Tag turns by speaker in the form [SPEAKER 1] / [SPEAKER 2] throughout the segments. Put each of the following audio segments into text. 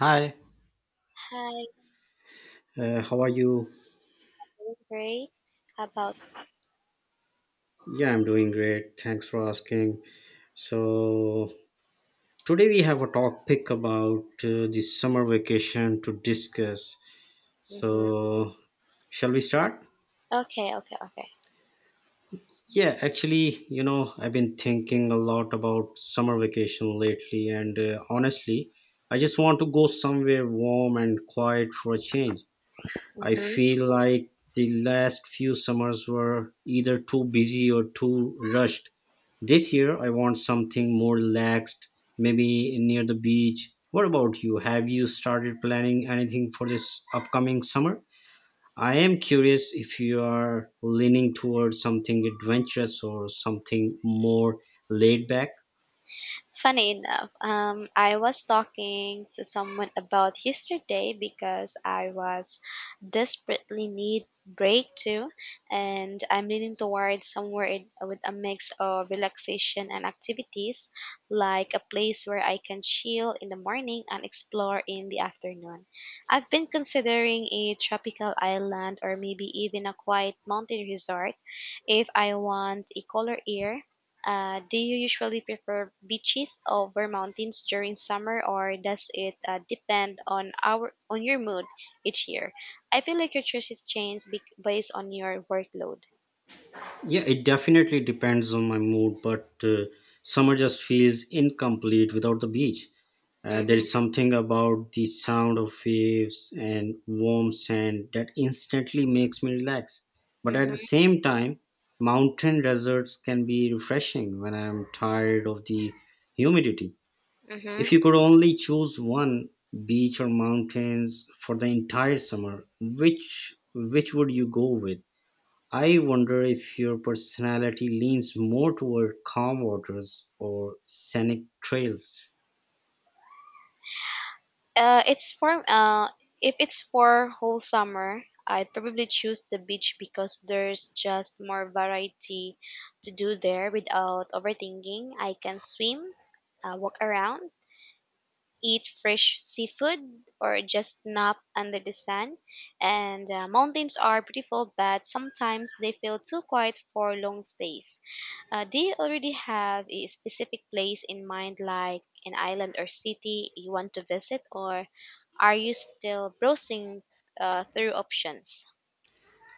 [SPEAKER 1] Hi,
[SPEAKER 2] Hi,
[SPEAKER 1] how are you?
[SPEAKER 2] doing great. How about?
[SPEAKER 1] Yeah, I'm doing great. Thanks for asking. So, today we have a topic about the summer vacation to discuss.
[SPEAKER 2] hmm
[SPEAKER 1] So, shall we start?
[SPEAKER 2] Okay, okay, okay.
[SPEAKER 1] Yeah, actually, you know, I've been thinking a lot about summer vacation lately, and honestly, I just want to go somewhere warm and quiet for a change. I
[SPEAKER 2] hmm
[SPEAKER 1] feel like the last few summers were either too busy or too rushed. This year, I want something more relaxed, maybe near the beach. What about you? Have you started planning anything for this upcoming summer? I am curious if you are leaning towards something adventurous or something more laid back.
[SPEAKER 2] Funny enough, I was talking to someone about yesterday because I was desperately need break too, and I'm leaning towards with a mix of relaxation and activities, like a place where I can chill in the morning and explore in the afternoon. I've been considering a tropical island or maybe even a quiet mountain resort. If I want a color ear, do you usually prefer beaches over mountains during summer, or does it depend on our on your mood each year? I feel like your choices change based on your workload.
[SPEAKER 1] Yeah, it definitely depends on my mood, but summer just feels incomplete without the beach. There is
[SPEAKER 2] Mm-hmm,
[SPEAKER 1] something about the sound of waves and warm sand that instantly makes me relax. But at
[SPEAKER 2] mm-hmm,
[SPEAKER 1] the same time, mountain deserts can be refreshing when I am tired of the humidity.
[SPEAKER 2] mm-hmm.
[SPEAKER 1] If you could only choose one, beach or mountains, for the entire summer, which would you go with? I wonder if your personality leans more toward calm waters or scenic trails.
[SPEAKER 2] It's for If it's for whole summer, I'd probably choose the beach because there's just more variety to do there without overthinking. I can swim, walk around, eat fresh seafood, or just nap under the sun. And Mountains are beautiful, but sometimes they feel too quiet for long stays. Do you already have a specific place in mind, like an island or city you want to visit, or are you still browsing through options?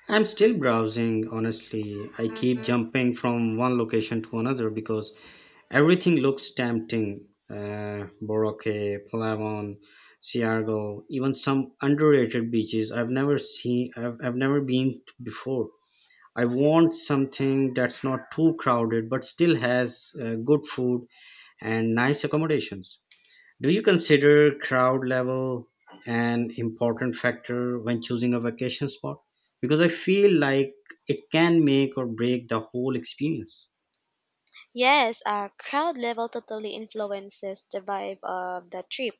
[SPEAKER 1] I'm still browsing, honestly. I keep
[SPEAKER 2] Mm-hmm.
[SPEAKER 1] jumping from one location to another because everything looks tempting. Boracay, Palawan, Siargao, even some underrated beaches I've never been to before. I want something that's not too crowded but still has good food and nice accommodations. Do you consider crowd level an important factor when choosing a vacation spot? Because I feel like it can make or break the whole experience.
[SPEAKER 2] Yes, crowd level totally influences the vibe of the trip.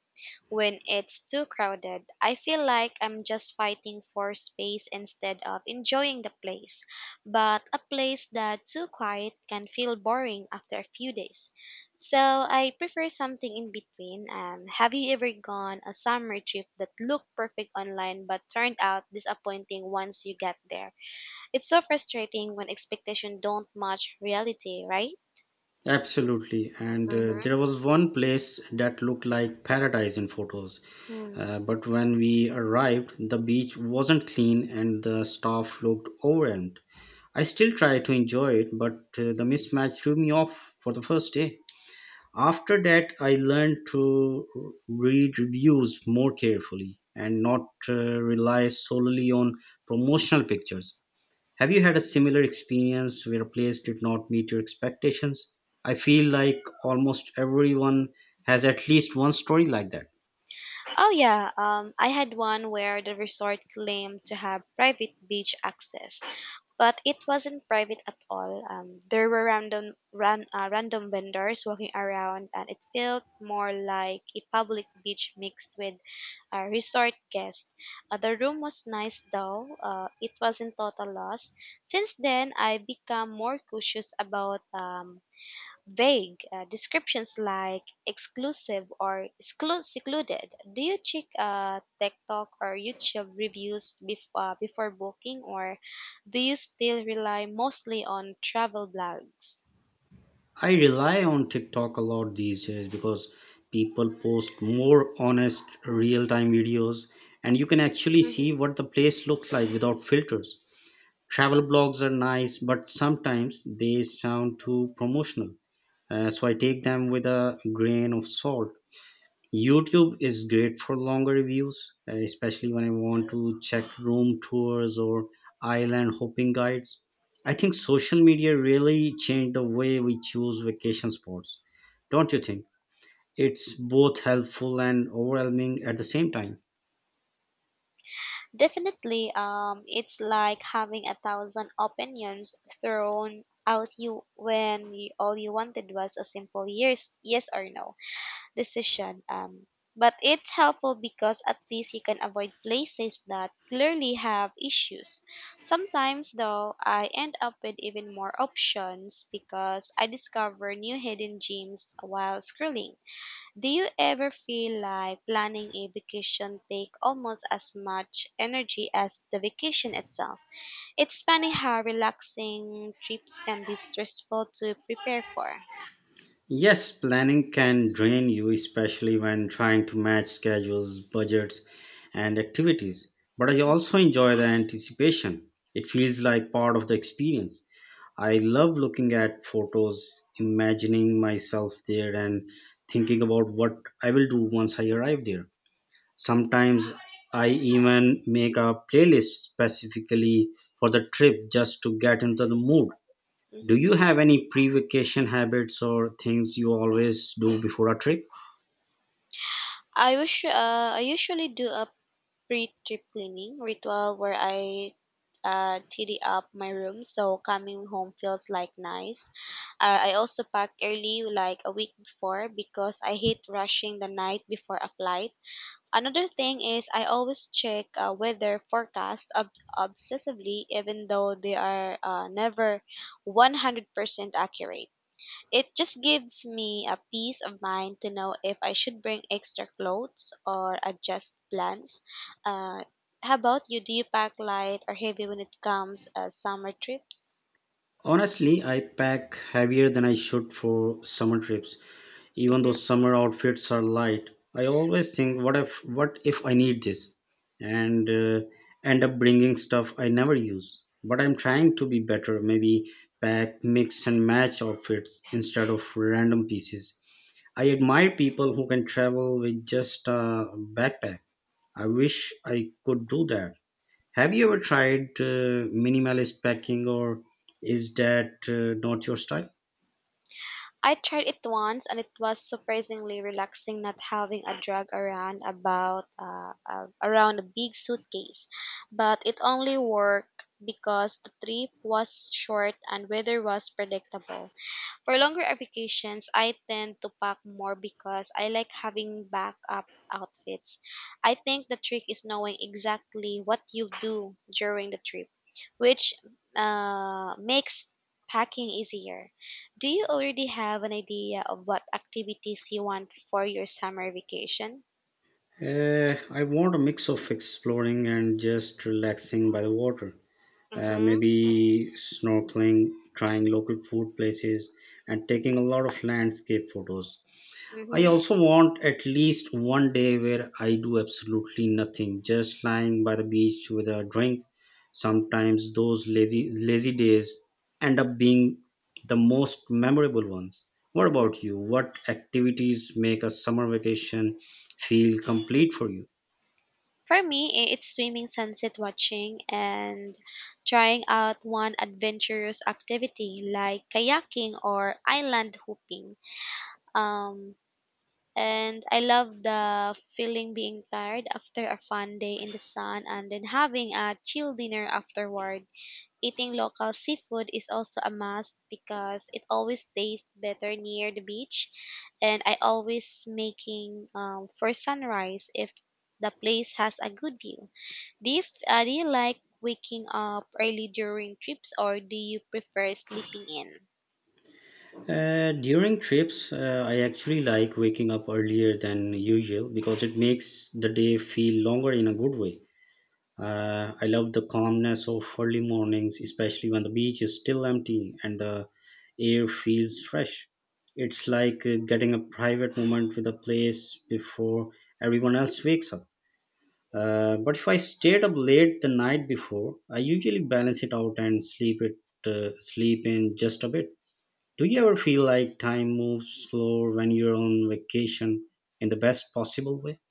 [SPEAKER 2] When it's too crowded, I feel like I'm just fighting for space instead of enjoying the place. But a place that's too quiet can feel boring after a few days. So I prefer something in between. Have you ever gone a summer trip that looked perfect online but turned out disappointing once you get there? It's so frustrating when expectations don't match reality, right?
[SPEAKER 1] Absolutely. And
[SPEAKER 2] Mm-hmm.
[SPEAKER 1] there was one place that looked like paradise in photos.
[SPEAKER 2] Hmm.
[SPEAKER 1] But when we arrived, the beach wasn't clean and the staff looked overwhelmed. I still try to enjoy it, but the mismatch threw me off for the first day. After that, I learned to read reviews more carefully and not rely solely on promotional pictures. Have you had a similar experience where a place did not meet your expectations? I feel like almost everyone has at least one story like that.
[SPEAKER 2] Oh yeah, I had one where the resort claimed to have private beach access, but it wasn't private at all. There were random vendors walking around, and it felt more like a public beach mixed with a resort guest. The room was nice though; it wasn't total loss. Since then, I've become more cautious about vague descriptions like exclusive or secluded. Do you check TikTok or YouTube reviews before booking, or do you still rely mostly on travel blogs?
[SPEAKER 1] I rely on TikTok a lot these days because people post more honest real time videos, and you can actually see
[SPEAKER 2] Mhm.
[SPEAKER 1] what the place looks like without filters. Travel blogs are nice, but sometimes they sound too promotional, so I take them with a grain of salt. YouTube is great for longer reviews, especially when I want to check room tours or island hopping guides. I think social media really changed the way we choose vacation spots, don't you think? It's both helpful and overwhelming at the same time.
[SPEAKER 2] Definitely, it's like having a thousand opinions thrown out you when you, all you wanted was a simple yes or no decision. But it's helpful because at least you can avoid places that clearly have issues. Sometimes, though, I end up with even more options because I discover new hidden gems while scrolling. Do you ever feel like planning a vacation take almost as much energy as the vacation itself? It's funny how relaxing trips can be stressful to prepare for.
[SPEAKER 1] Yes, planning can drain you, especially when trying to match schedules, budgets, and activities. But I also enjoy the anticipation. It feels like part of the experience. I love looking at photos, imagining myself there, and thinking about what I will do once I arrive there. Sometimes I even make a playlist specifically for the trip just to get into the mood. Do
[SPEAKER 2] Mhm.
[SPEAKER 1] you have any pre-vacation habits or things you always do before a trip?
[SPEAKER 2] I usually do a pre-trip cleaning ritual where I tidy up my room so coming home feels like nice. I also pack early, like a week before, because I hate rushing the night before a flight. Another thing is I always check weather forecast obsessively, even though they are never 100% accurate. It just gives me a peace of mind to know if I should bring extra clothes or adjust plans. Uh, how about you? Do you pack light or heavy when it comes summer trips?
[SPEAKER 1] Honestly, I pack heavier than I should for summer trips. Even though
[SPEAKER 2] hmm
[SPEAKER 1] summer outfits are light, I always think, what if I need this, and end up bringing stuff I never use. But I'm trying to be better, maybe pack mix and match outfits instead of random pieces. I admire people who can travel with just a backpack. I wish I could do that. Have you ever tried minimalist packing, or is that not your style?
[SPEAKER 2] I tried it once and it was surprisingly relaxing not having a drag around about around a big suitcase. But it only worked because the trip was short and weather was predictable. For longer applications, I tend to pack more because I like having backup outfits. I think the trick is knowing exactly what you'll do during the trip, which makes packing easier. Do you already have an idea of what activities you want for your summer vacation?
[SPEAKER 1] I want a mix of exploring and just relaxing by the water.
[SPEAKER 2] Mm-hmm.
[SPEAKER 1] Maybe snorkeling, trying local food places, and taking a lot of landscape photos. I
[SPEAKER 2] Mm-hmm.
[SPEAKER 1] also want at least one day where I do absolutely nothing, just lying by the beach with a drink. Sometimes those lazy days end up being the most memorable ones. What
[SPEAKER 2] Mm-hmm.
[SPEAKER 1] about you? What activities make a summer vacation feel complete for you?
[SPEAKER 2] For me, it's swimming, sunset watching, and trying out one adventurous activity like kayaking or island hopping. Um, and I love the feeling being tired after a fun day in the sun and then having a chill dinner afterward. Eating local seafood is also a must because it always tastes better near the beach, and I always making for sunrise if the place has a good view. Do you like waking up early during trips or do you prefer sleeping in?
[SPEAKER 1] During trips, I actually like waking up earlier than usual because it makes the day feel longer in a good way. I love the calmness of early mornings, especially when the beach is still empty and the air feels fresh. It's like getting a private moment with a place before everyone else wakes up. But if I stayed up late the night before, I usually balance it out and sleep in just a bit. Do you ever feel like time moves slower when you're on vacation in the best possible way?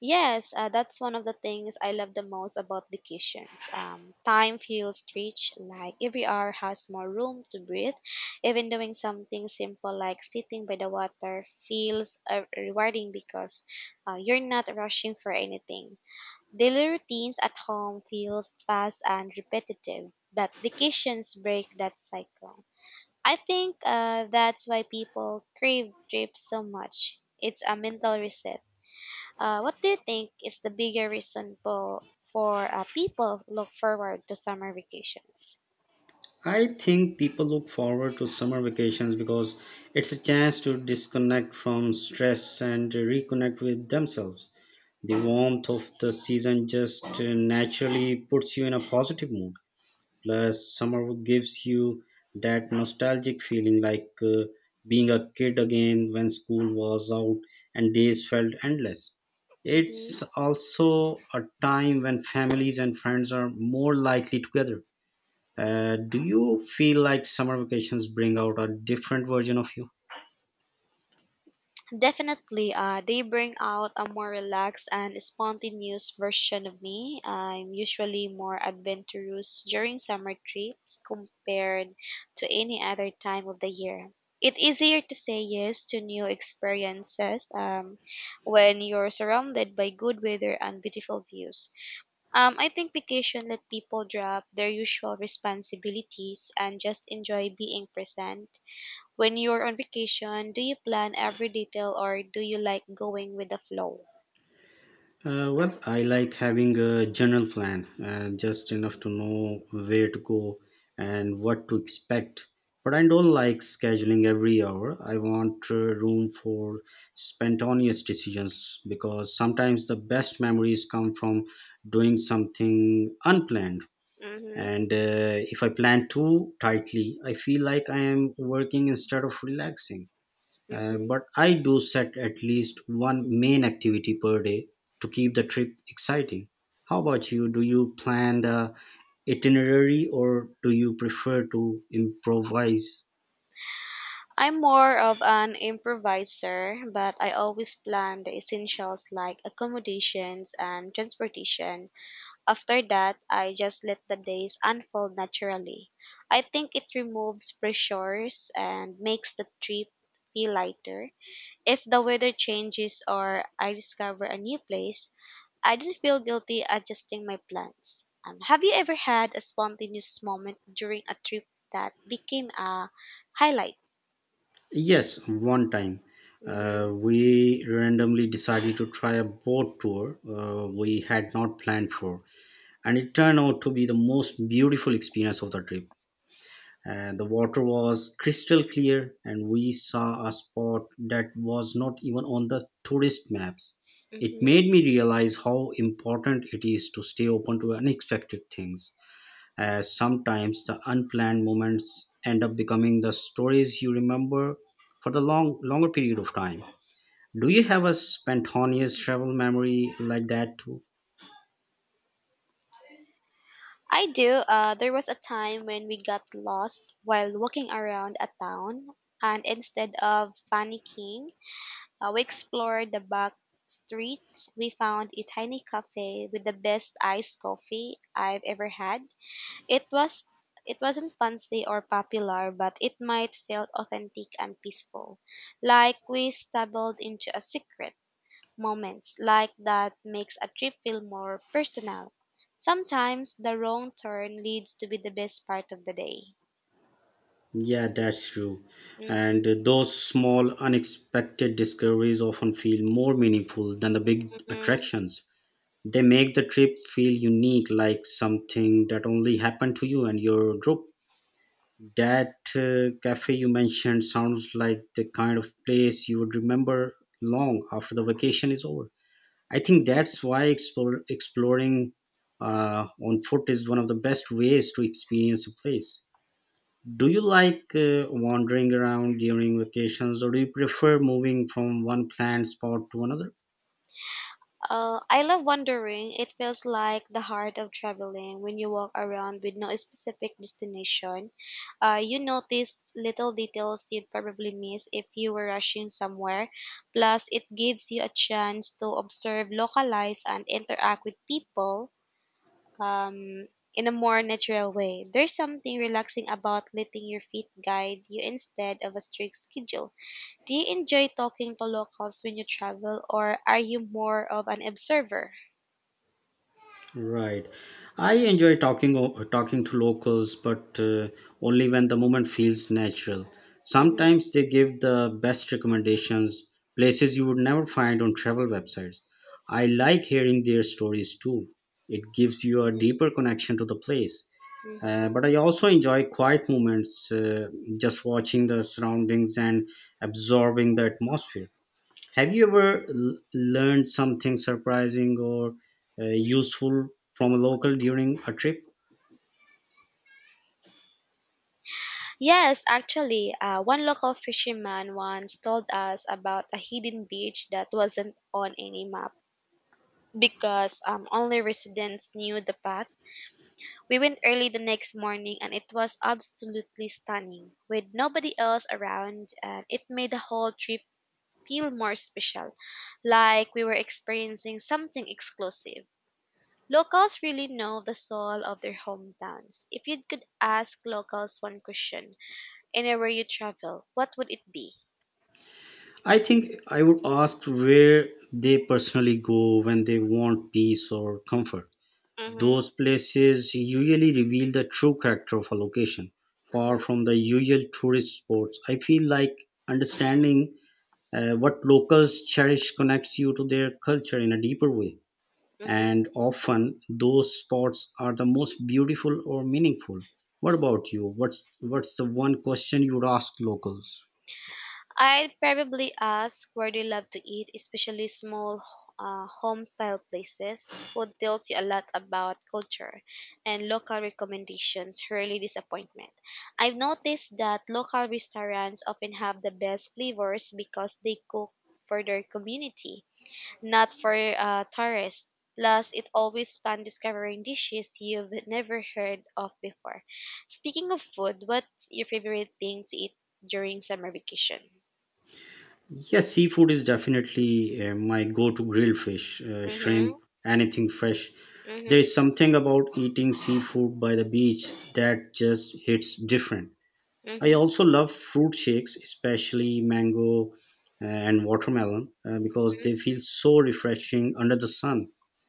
[SPEAKER 2] Yes, that's one of the things I love the most about vacations. Time feels rich, like every hour has more room to breathe. Even doing something simple like sitting by the water feels rewarding because you're not rushing for anything. Daily routines at home feels fast and repetitive, but vacations break that cycle. I think that's why people crave trips so much. It's a mental reset. What do you think is the bigger reason for people look forward to summer vacations?
[SPEAKER 1] I think people look forward to summer vacations because it's a chance to disconnect from stress and reconnect with themselves. The warmth of the season just naturally puts you in a positive mood. Plus, summer gives you that nostalgic feeling, like being a kid again when school was out and days felt endless.
[SPEAKER 2] Mm-hmm.
[SPEAKER 1] It's also a time when families and friends are more likely together. Do you feel like summer vacations bring out a different version of you?
[SPEAKER 2] Definitely, they bring out a more relaxed and spontaneous version of me. I'm usually more adventurous during summer trips compared to any other time of the year. It's easier to say yes to new experiences when you're surrounded by good weather and beautiful views. I think vacation let people drop their usual responsibilities and just enjoy being present. When you're on vacation, do you plan every detail or do you like going with the flow?
[SPEAKER 1] Well, I like having a general plan, just enough to know where to go and what to expect. But I don't like scheduling every hour. I want room for spontaneous decisions because sometimes the best memories come from doing something unplanned.
[SPEAKER 2] Mm-hmm.
[SPEAKER 1] And if I plan too tightly, I feel like I am working instead of relaxing.
[SPEAKER 2] Mm-hmm.
[SPEAKER 1] But I do set at least one main activity per day to keep the trip exciting. How about you? Do you plan the itinerary or do you prefer to improvise?
[SPEAKER 2] I'm more of an improviser, but I always plan the essentials like accommodations and transportation. After that, I just let the days unfold naturally. I think it removes pressures and makes the trip feel lighter. If the weather changes or I discover a new place, I didn't feel guilty adjusting my plans. Have you ever had a spontaneous moment during a trip that became a highlight?
[SPEAKER 1] Yes, one time.
[SPEAKER 2] Mm-hmm.
[SPEAKER 1] We randomly decided to try a boat tour we had not planned for, and it turned out to be the most beautiful experience of the trip. The water was crystal clear, and we saw a spot that was not even on the tourist maps. It
[SPEAKER 2] Mm-hmm.
[SPEAKER 1] made me realize how important it is to stay open to unexpected things, as sometimes the unplanned moments end up becoming the stories you remember for the longer period of time. Do you have a spontaneous travel memory like that too?
[SPEAKER 2] I do. There was a time when we got lost while walking around a town, and instead of panicking, we explored the back streets. We found a tiny cafe with the best iced coffee I've ever had. It was it wasn't fancy or popular, but it might feel authentic and peaceful, like we stumbled into a secret. Moments like that makes a trip feel more personal. Sometimes the wrong turn leads to be the best part of the day.
[SPEAKER 1] Yeah, that's true.
[SPEAKER 2] Mm-hmm,
[SPEAKER 1] And those small, unexpected discoveries often feel more meaningful than the big
[SPEAKER 2] mm-hmm,
[SPEAKER 1] attractions. They make the trip feel unique, like something that only happened to you and your group. That cafe you mentioned sounds like the kind of place you would remember long after the vacation is over. I think
[SPEAKER 2] mm-hmm.
[SPEAKER 1] that's why exploring on foot is one of the best ways to experience a place. Do you like wandering around during vacations, or do you prefer moving from one planned spot to another?
[SPEAKER 2] I love wandering. It feels like the heart of traveling when you walk around with no specific destination. You notice little details you'd probably miss if you were rushing somewhere. Plus, it gives you a chance to observe local life and interact with people um, in a more natural way. There's something relaxing about letting your feet guide you instead of a strict schedule. Do you enjoy talking to locals when you travel, or are you more of an observer?
[SPEAKER 1] Right. I enjoy talking to locals, but only when the moment feels natural.
[SPEAKER 2] Mhm.
[SPEAKER 1] Sometimes they give the best recommendations, places you would never find on travel websites. I like hearing their stories too. It gives you a
[SPEAKER 2] Mhm.
[SPEAKER 1] deeper connection to the place.
[SPEAKER 2] Mhm.
[SPEAKER 1] But I also enjoy quiet moments, just watching the surroundings and absorbing the atmosphere. Have you ever learned something surprising or uh, useful from a local during a trip?
[SPEAKER 2] Yes, actually, one local fisherman once told us about a hidden beach that wasn't on any map because only residents knew the path. We went early the next morning and it was absolutely stunning with nobody else around, and it made the whole trip feel more special, like we were experiencing something exclusive. Locals really know the soul of their hometowns. If you could ask locals one question, anywhere you travel, what would it be?
[SPEAKER 1] I think I would ask where they personally go when they want peace or comfort.
[SPEAKER 2] Mhm.
[SPEAKER 1] Those places usually reveal the true character of a location, far
[SPEAKER 2] Mhm.
[SPEAKER 1] from the usual tourist spots. I feel like understanding what locals cherish connects you to their culture in a deeper way.
[SPEAKER 2] Mhm.
[SPEAKER 1] And often those spots are the most beautiful or meaningful. What about you? What's the one question you would ask locals?
[SPEAKER 2] I'd probably ask where they love to eat, especially small home style places. Food tells you a lot about culture, and local recommendations rarely disappointment. I've noticed that local restaurants often have the best flavors because they cook for their community, not for tourists. Plus, it always fun discovering dishes you've never heard of before. Speaking of food, what's your favorite thing to eat during summer vacation?
[SPEAKER 1] Yes, seafood is definitely my go-to. Grilled fish,
[SPEAKER 2] Mm-hmm.
[SPEAKER 1] shrimp, anything fresh. There
[SPEAKER 2] Mm-hmm.
[SPEAKER 1] is something about eating seafood by the beach that just hits different. I
[SPEAKER 2] Mm-hmm.
[SPEAKER 1] also love fruit shakes, especially mango and watermelon, because they feel so refreshing under the sun.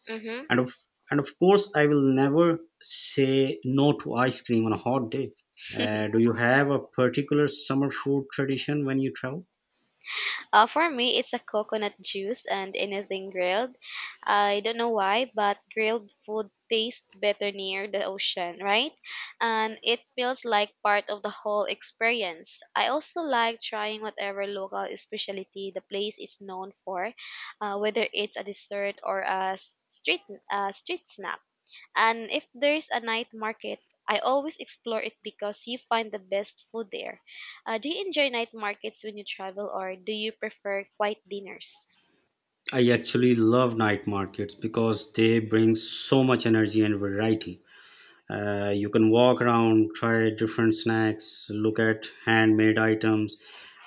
[SPEAKER 2] Mm-hmm.
[SPEAKER 1] And of and of course, I will never say no to ice cream on a hot day. Do you have a particular summer food tradition when you travel?
[SPEAKER 2] For me, it's a coconut juice and anything grilled. I don't know why, but grilled food tastes better near the ocean, right? And it feels like part of the whole experience. I also like trying whatever local specialty the place is known for, whether it's a dessert or a street snack. And if there's a night market, I always explore it because you find the best food there. Do you enjoy night markets when you travel or do you prefer quiet dinners?
[SPEAKER 1] I actually love night markets because they bring so much energy and variety. You can walk around, try different snacks, look at handmade items,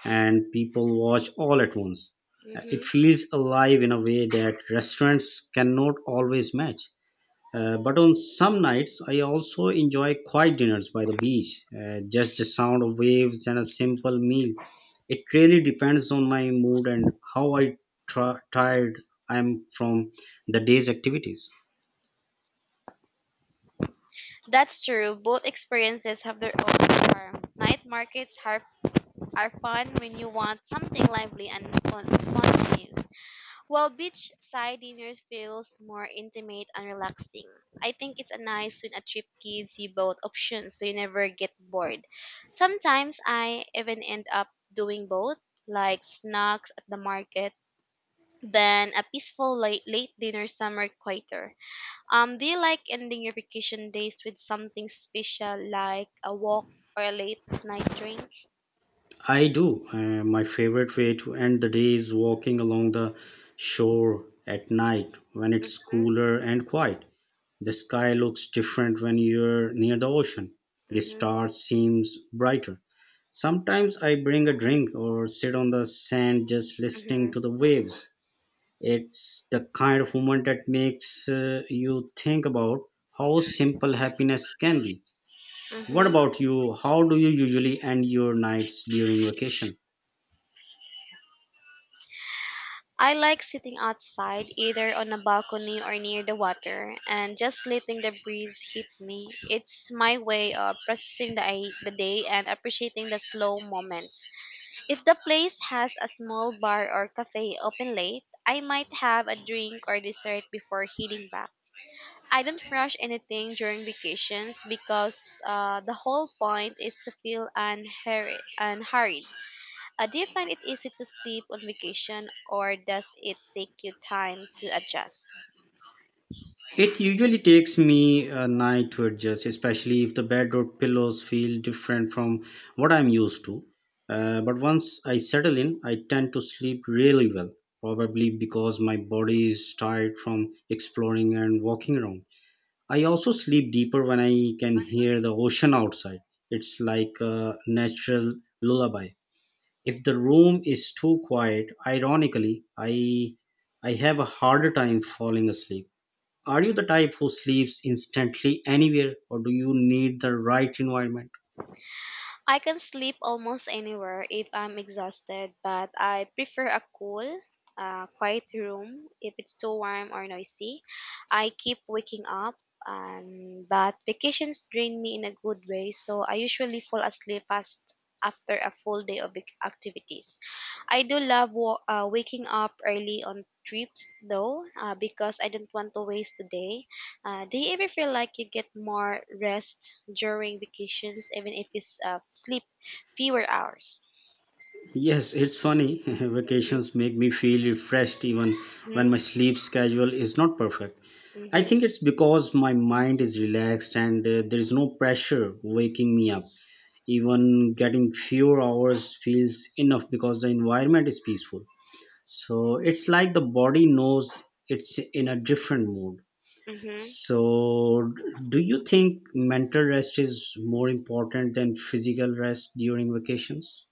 [SPEAKER 1] and people watch all at once. It
[SPEAKER 2] hmm
[SPEAKER 1] feels alive in a way that restaurants cannot always match. But on some nights, I also enjoy quiet dinners by the beach, just the sound of waves and a simple meal. It really depends on my mood and how I try tired I am from the day's activities.
[SPEAKER 2] That's true. Both experiences have their own charm. Are fun when you want something lively and spontaneous, while beachside dinners feels more intimate and relaxing. I think it's a nice when a trip gives you both options so you never get bored. Sometimes I even end up doing both, like snacks at the market, then a peaceful late dinner somewhere quieter. Do you like ending your vacation days with something special like a walk or a late night drink?
[SPEAKER 1] I do. My favorite way to end the day is walking along the shore at night when it's cooler and quiet. The sky looks different when you're near the ocean. The
[SPEAKER 2] Mm-hmm,
[SPEAKER 1] stars seems brighter. Sometimes I bring a drink or sit on the sand just
[SPEAKER 2] mm-hmm,
[SPEAKER 1] listening to the waves. It's the kind of moment that makes you think about how simple happiness can be. What
[SPEAKER 2] mm-hmm.
[SPEAKER 1] about you? How do you usually end your nights during vacation?
[SPEAKER 2] I like sitting outside, either on a balcony or near the water, and just letting the breeze hit me. It's my way of processing the day and appreciating the slow moments. If the place has a small bar or cafe open late, I might have a drink or dessert before heading back. I don't rush anything during vacations because the whole point is to feel unhurried. Do you find it easy to sleep on vacation, or does it take you time to adjust?
[SPEAKER 1] It usually takes me a night to adjust, especially if the bed or pillows feel different from what I'm used to. But once I settle in, I tend to sleep really well, probably because my body is tired from exploring and walking around. I also sleep deeper when I can hear the ocean outside. It's like a natural lullaby. If the room is too quiet, ironically, I have a harder time falling asleep. Are you the type who sleeps instantly anywhere, or do you need the right environment?
[SPEAKER 2] I can sleep almost anywhere if I'm exhausted, but I prefer a cool, quiet room. If it's too warm or noisy, I keep waking up, but vacations drain me in a good way, so I usually fall asleep fast after a full day of activities. I do love waking up early on trips though, because I don't want to waste the day. Do you ever feel like you get more rest during vacations, even if you sleep fewer hours?
[SPEAKER 1] Yes, it's funny. Vacations make me feel refreshed even when
[SPEAKER 2] Hmm.
[SPEAKER 1] my sleep schedule is not perfect. I
[SPEAKER 2] Hmm.
[SPEAKER 1] think it's because my mind is relaxed and there is no pressure waking me up. Even getting fewer hours feels enough because the environment is peaceful. So it's like the body knows it's in a different mood.
[SPEAKER 2] Hmm.
[SPEAKER 1] So, do you think mental rest is more important than physical rest during vacations?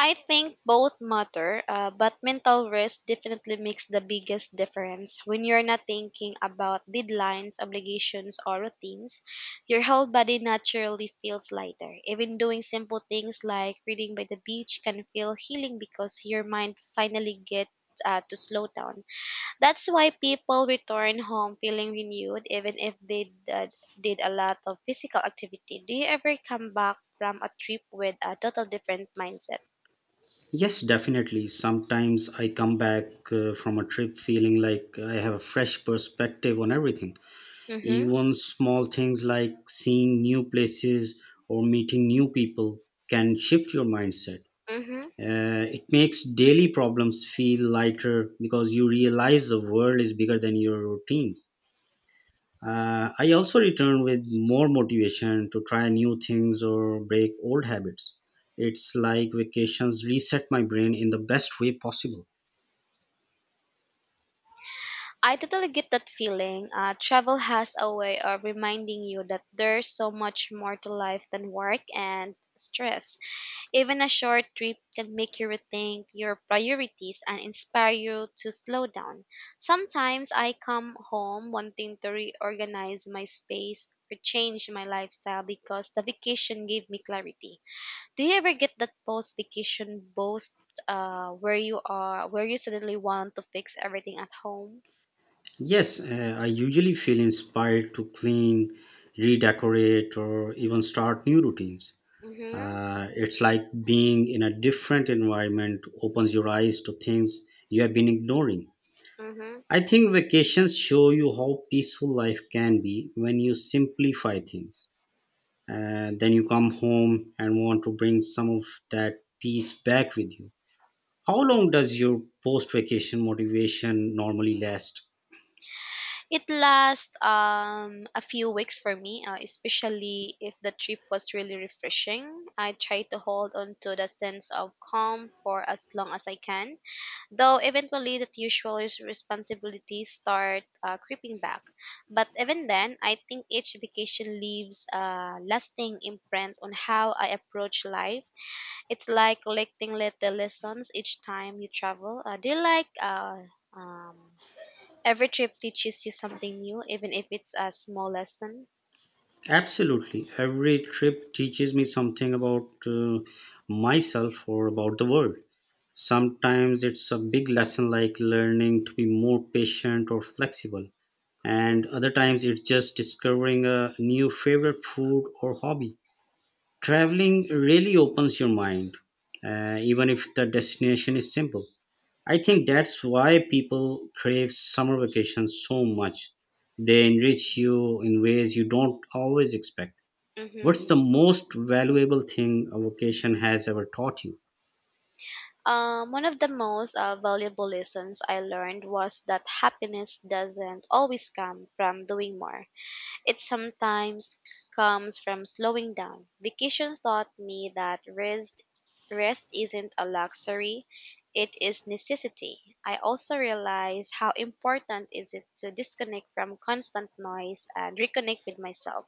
[SPEAKER 2] I think both matter, but mental rest definitely makes the biggest difference. When you're not thinking about deadlines, obligations, or routines, your whole body naturally feels lighter. Even doing simple things like reading by the beach can feel healing because your mind finally gets to slow down. That's why people return home feeling renewed, even if they did a lot of physical activity. Do you ever come back from a trip with a total different mindset?
[SPEAKER 1] Yes, definitely. Sometimes I come back from a trip feeling like I have a fresh perspective on everything.
[SPEAKER 2] Mm-hmm.
[SPEAKER 1] Even small things like seeing new places or meeting new people can shift your mindset.
[SPEAKER 2] Mm-hmm.
[SPEAKER 1] It makes daily problems feel lighter because you realize the world is bigger than your routines. I also return with more motivation to try new things or break old habits. It's like vacations reset my brain in the best way possible.
[SPEAKER 2] I totally get that feeling. Travel has a way of reminding you that there's so much more to life than work and stress. Even a short trip can make you rethink your priorities and inspire you to slow down. Sometimes I come home wanting to reorganize my space or change my lifestyle because the vacation gave me clarity. Do you ever get that post vacation boast, where you are where you suddenly want to fix everything at home?
[SPEAKER 1] Yes, I usually feel inspired to clean, redecorate, or even start new routines.
[SPEAKER 2] Mhm.
[SPEAKER 1] It's like being in a different environment opens your eyes to things you have been ignoring.
[SPEAKER 2] Mhm.
[SPEAKER 1] I think vacations show you how peaceful life can be when you simplify things, and then you come home and want to bring some of that peace back with you. How long does your post vacation motivation normally last?
[SPEAKER 2] It lasts a few weeks for me, especially if the trip was really refreshing. I try to hold on to the sense of calm for as long as I can, though eventually the usual responsibilities start creeping back. But even then, I think each vacation leaves a lasting imprint on how I approach life. It's like collecting little lessons each time you travel. Do you like um, Every trip teaches you something new, even if it's a small lesson.
[SPEAKER 1] Absolutely. Every trip teaches me something about myself or about the world. Sometimes it's a big lesson like learning to be more patient or flexible, and other times it's just discovering a new favorite food or hobby. Traveling really opens your mind, even if the destination is simple. I think
[SPEAKER 2] Mhm.
[SPEAKER 1] that's why people crave summer vacations so much. They enrich you in ways you don't always expect.
[SPEAKER 2] Hmm.
[SPEAKER 1] What's the most valuable thing a vacation has ever taught you?
[SPEAKER 2] One of the most valuable lessons I learned was that happiness doesn't always come from doing more. It sometimes comes from slowing down. Vacation taught me that rest isn't a luxury, it is necessity. I also realized how important is it to disconnect from constant noise and reconnect with myself.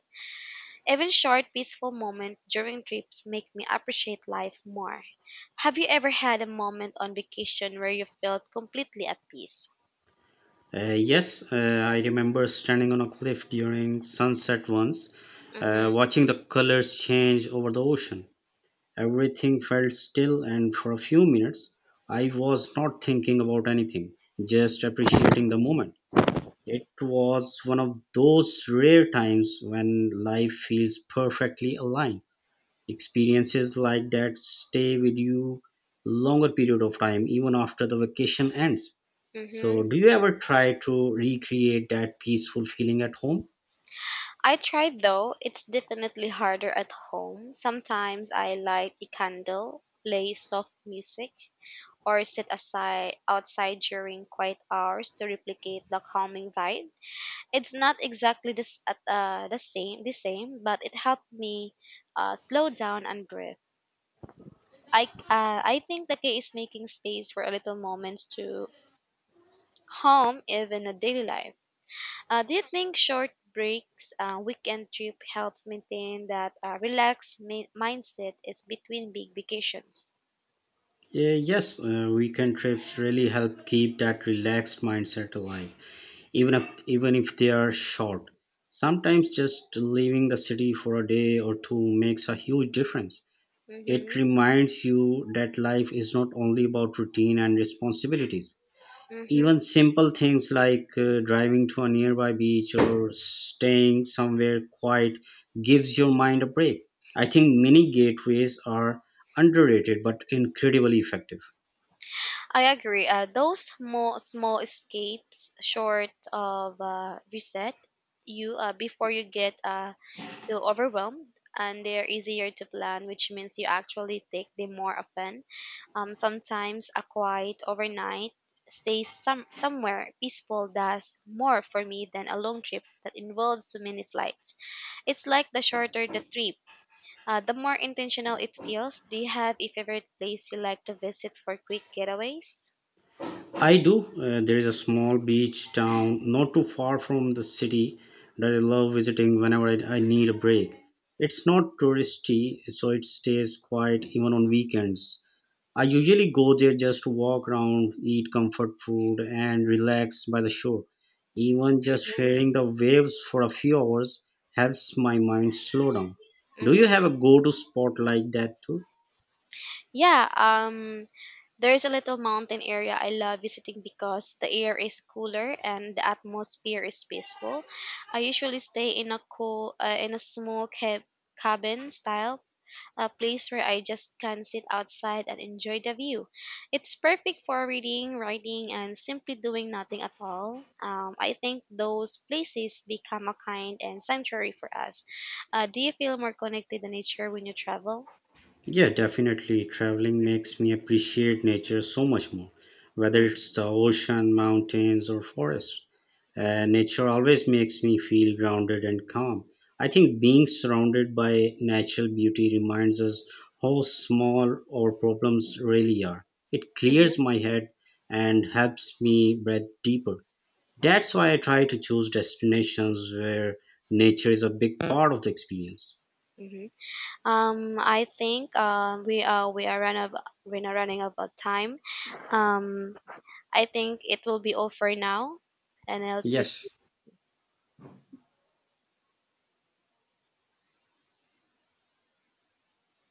[SPEAKER 2] Even short, peaceful moments during trips make me appreciate life more. Have you ever had a moment on vacation where you felt completely at peace?
[SPEAKER 1] Yes, I remember standing on a cliff during sunset once,
[SPEAKER 2] Mm-hmm.
[SPEAKER 1] watching the colors change over the ocean. Everything felt still, and for a few minutes, I was not thinking about anything, just appreciating the moment. It was one of those rare times when life feels perfectly aligned. Experiences like that stay with you longer period of time, even after the vacation ends. So,
[SPEAKER 2] Mm-hmm.
[SPEAKER 1] do you ever try to recreate that peaceful feeling at home?
[SPEAKER 2] I tried though. It's definitely harder at home. Sometimes I light a candle, play soft music, or sit aside outside during quiet hours to replicate the calming vibe. It's not exactly this at the same, but it helped me slow down and breathe. I I think the key is making space for a little moment to home, even a daily life. Do you think short breaks, weekend trip helps maintain that relaxed mindset is between big vacations?
[SPEAKER 1] Yeah, yes, weekend trips really help keep that relaxed mindset alive, even if they are short. Sometimes just leaving the city for a day or two makes a huge difference. It
[SPEAKER 2] Mm-hmm.
[SPEAKER 1] reminds you that life is not only about routine and responsibilities.
[SPEAKER 2] Mm-hmm.
[SPEAKER 1] Even simple things like driving to a nearby beach or staying somewhere quiet gives your mind a break. I think mini gateways are underrated but incredibly effective.
[SPEAKER 2] I agree. Those small escapes, short of reset, you before you get too overwhelmed, and they're easier to plan, which means you actually take them more often. Sometimes a quiet overnight stay somewhere peaceful does more for me than a long trip that involves too many flights. It's like the shorter the trip. The more intentional it feels. Do you have a favorite place you like to visit for quick getaways?
[SPEAKER 1] I do. There is a small beach town not too far from the city that I love visiting whenever I need a break. It's not touristy, so it stays quiet even on weekends. I usually go there just to walk around, eat comfort food, and relax by the shore. Even just
[SPEAKER 2] Mm-hmm.
[SPEAKER 1] hearing the waves for a few hours helps my mind slow down. Do you have a go to spot like that too?
[SPEAKER 2] Yeah, there's a little mountain area I love visiting because the air is cooler and the atmosphere is peaceful. I usually stay in a cool, in a small cabin style, a place where I just can sit outside and enjoy the view. It's perfect for reading, writing, and simply doing nothing at all. I think those places become a kind and sanctuary for us. Do you feel more connected to nature when you travel?
[SPEAKER 1] Yeah, definitely. Traveling makes me appreciate nature so much more, whether it's the ocean, mountains, or forests. Uh,
[SPEAKER 2] Mm-hmm,
[SPEAKER 1] nature always makes me feel grounded and calm. I think being surrounded by natural beauty reminds us how small our problems really are. It
[SPEAKER 2] mm-hmm,
[SPEAKER 1] clears my head and helps me breathe deeper. That's why I try to choose destinations where nature is a big part of the experience.
[SPEAKER 2] mm-hmm. I think we are run of we're not running out of time. Um, I think it will be all for now, and I'll tip
[SPEAKER 1] Yes,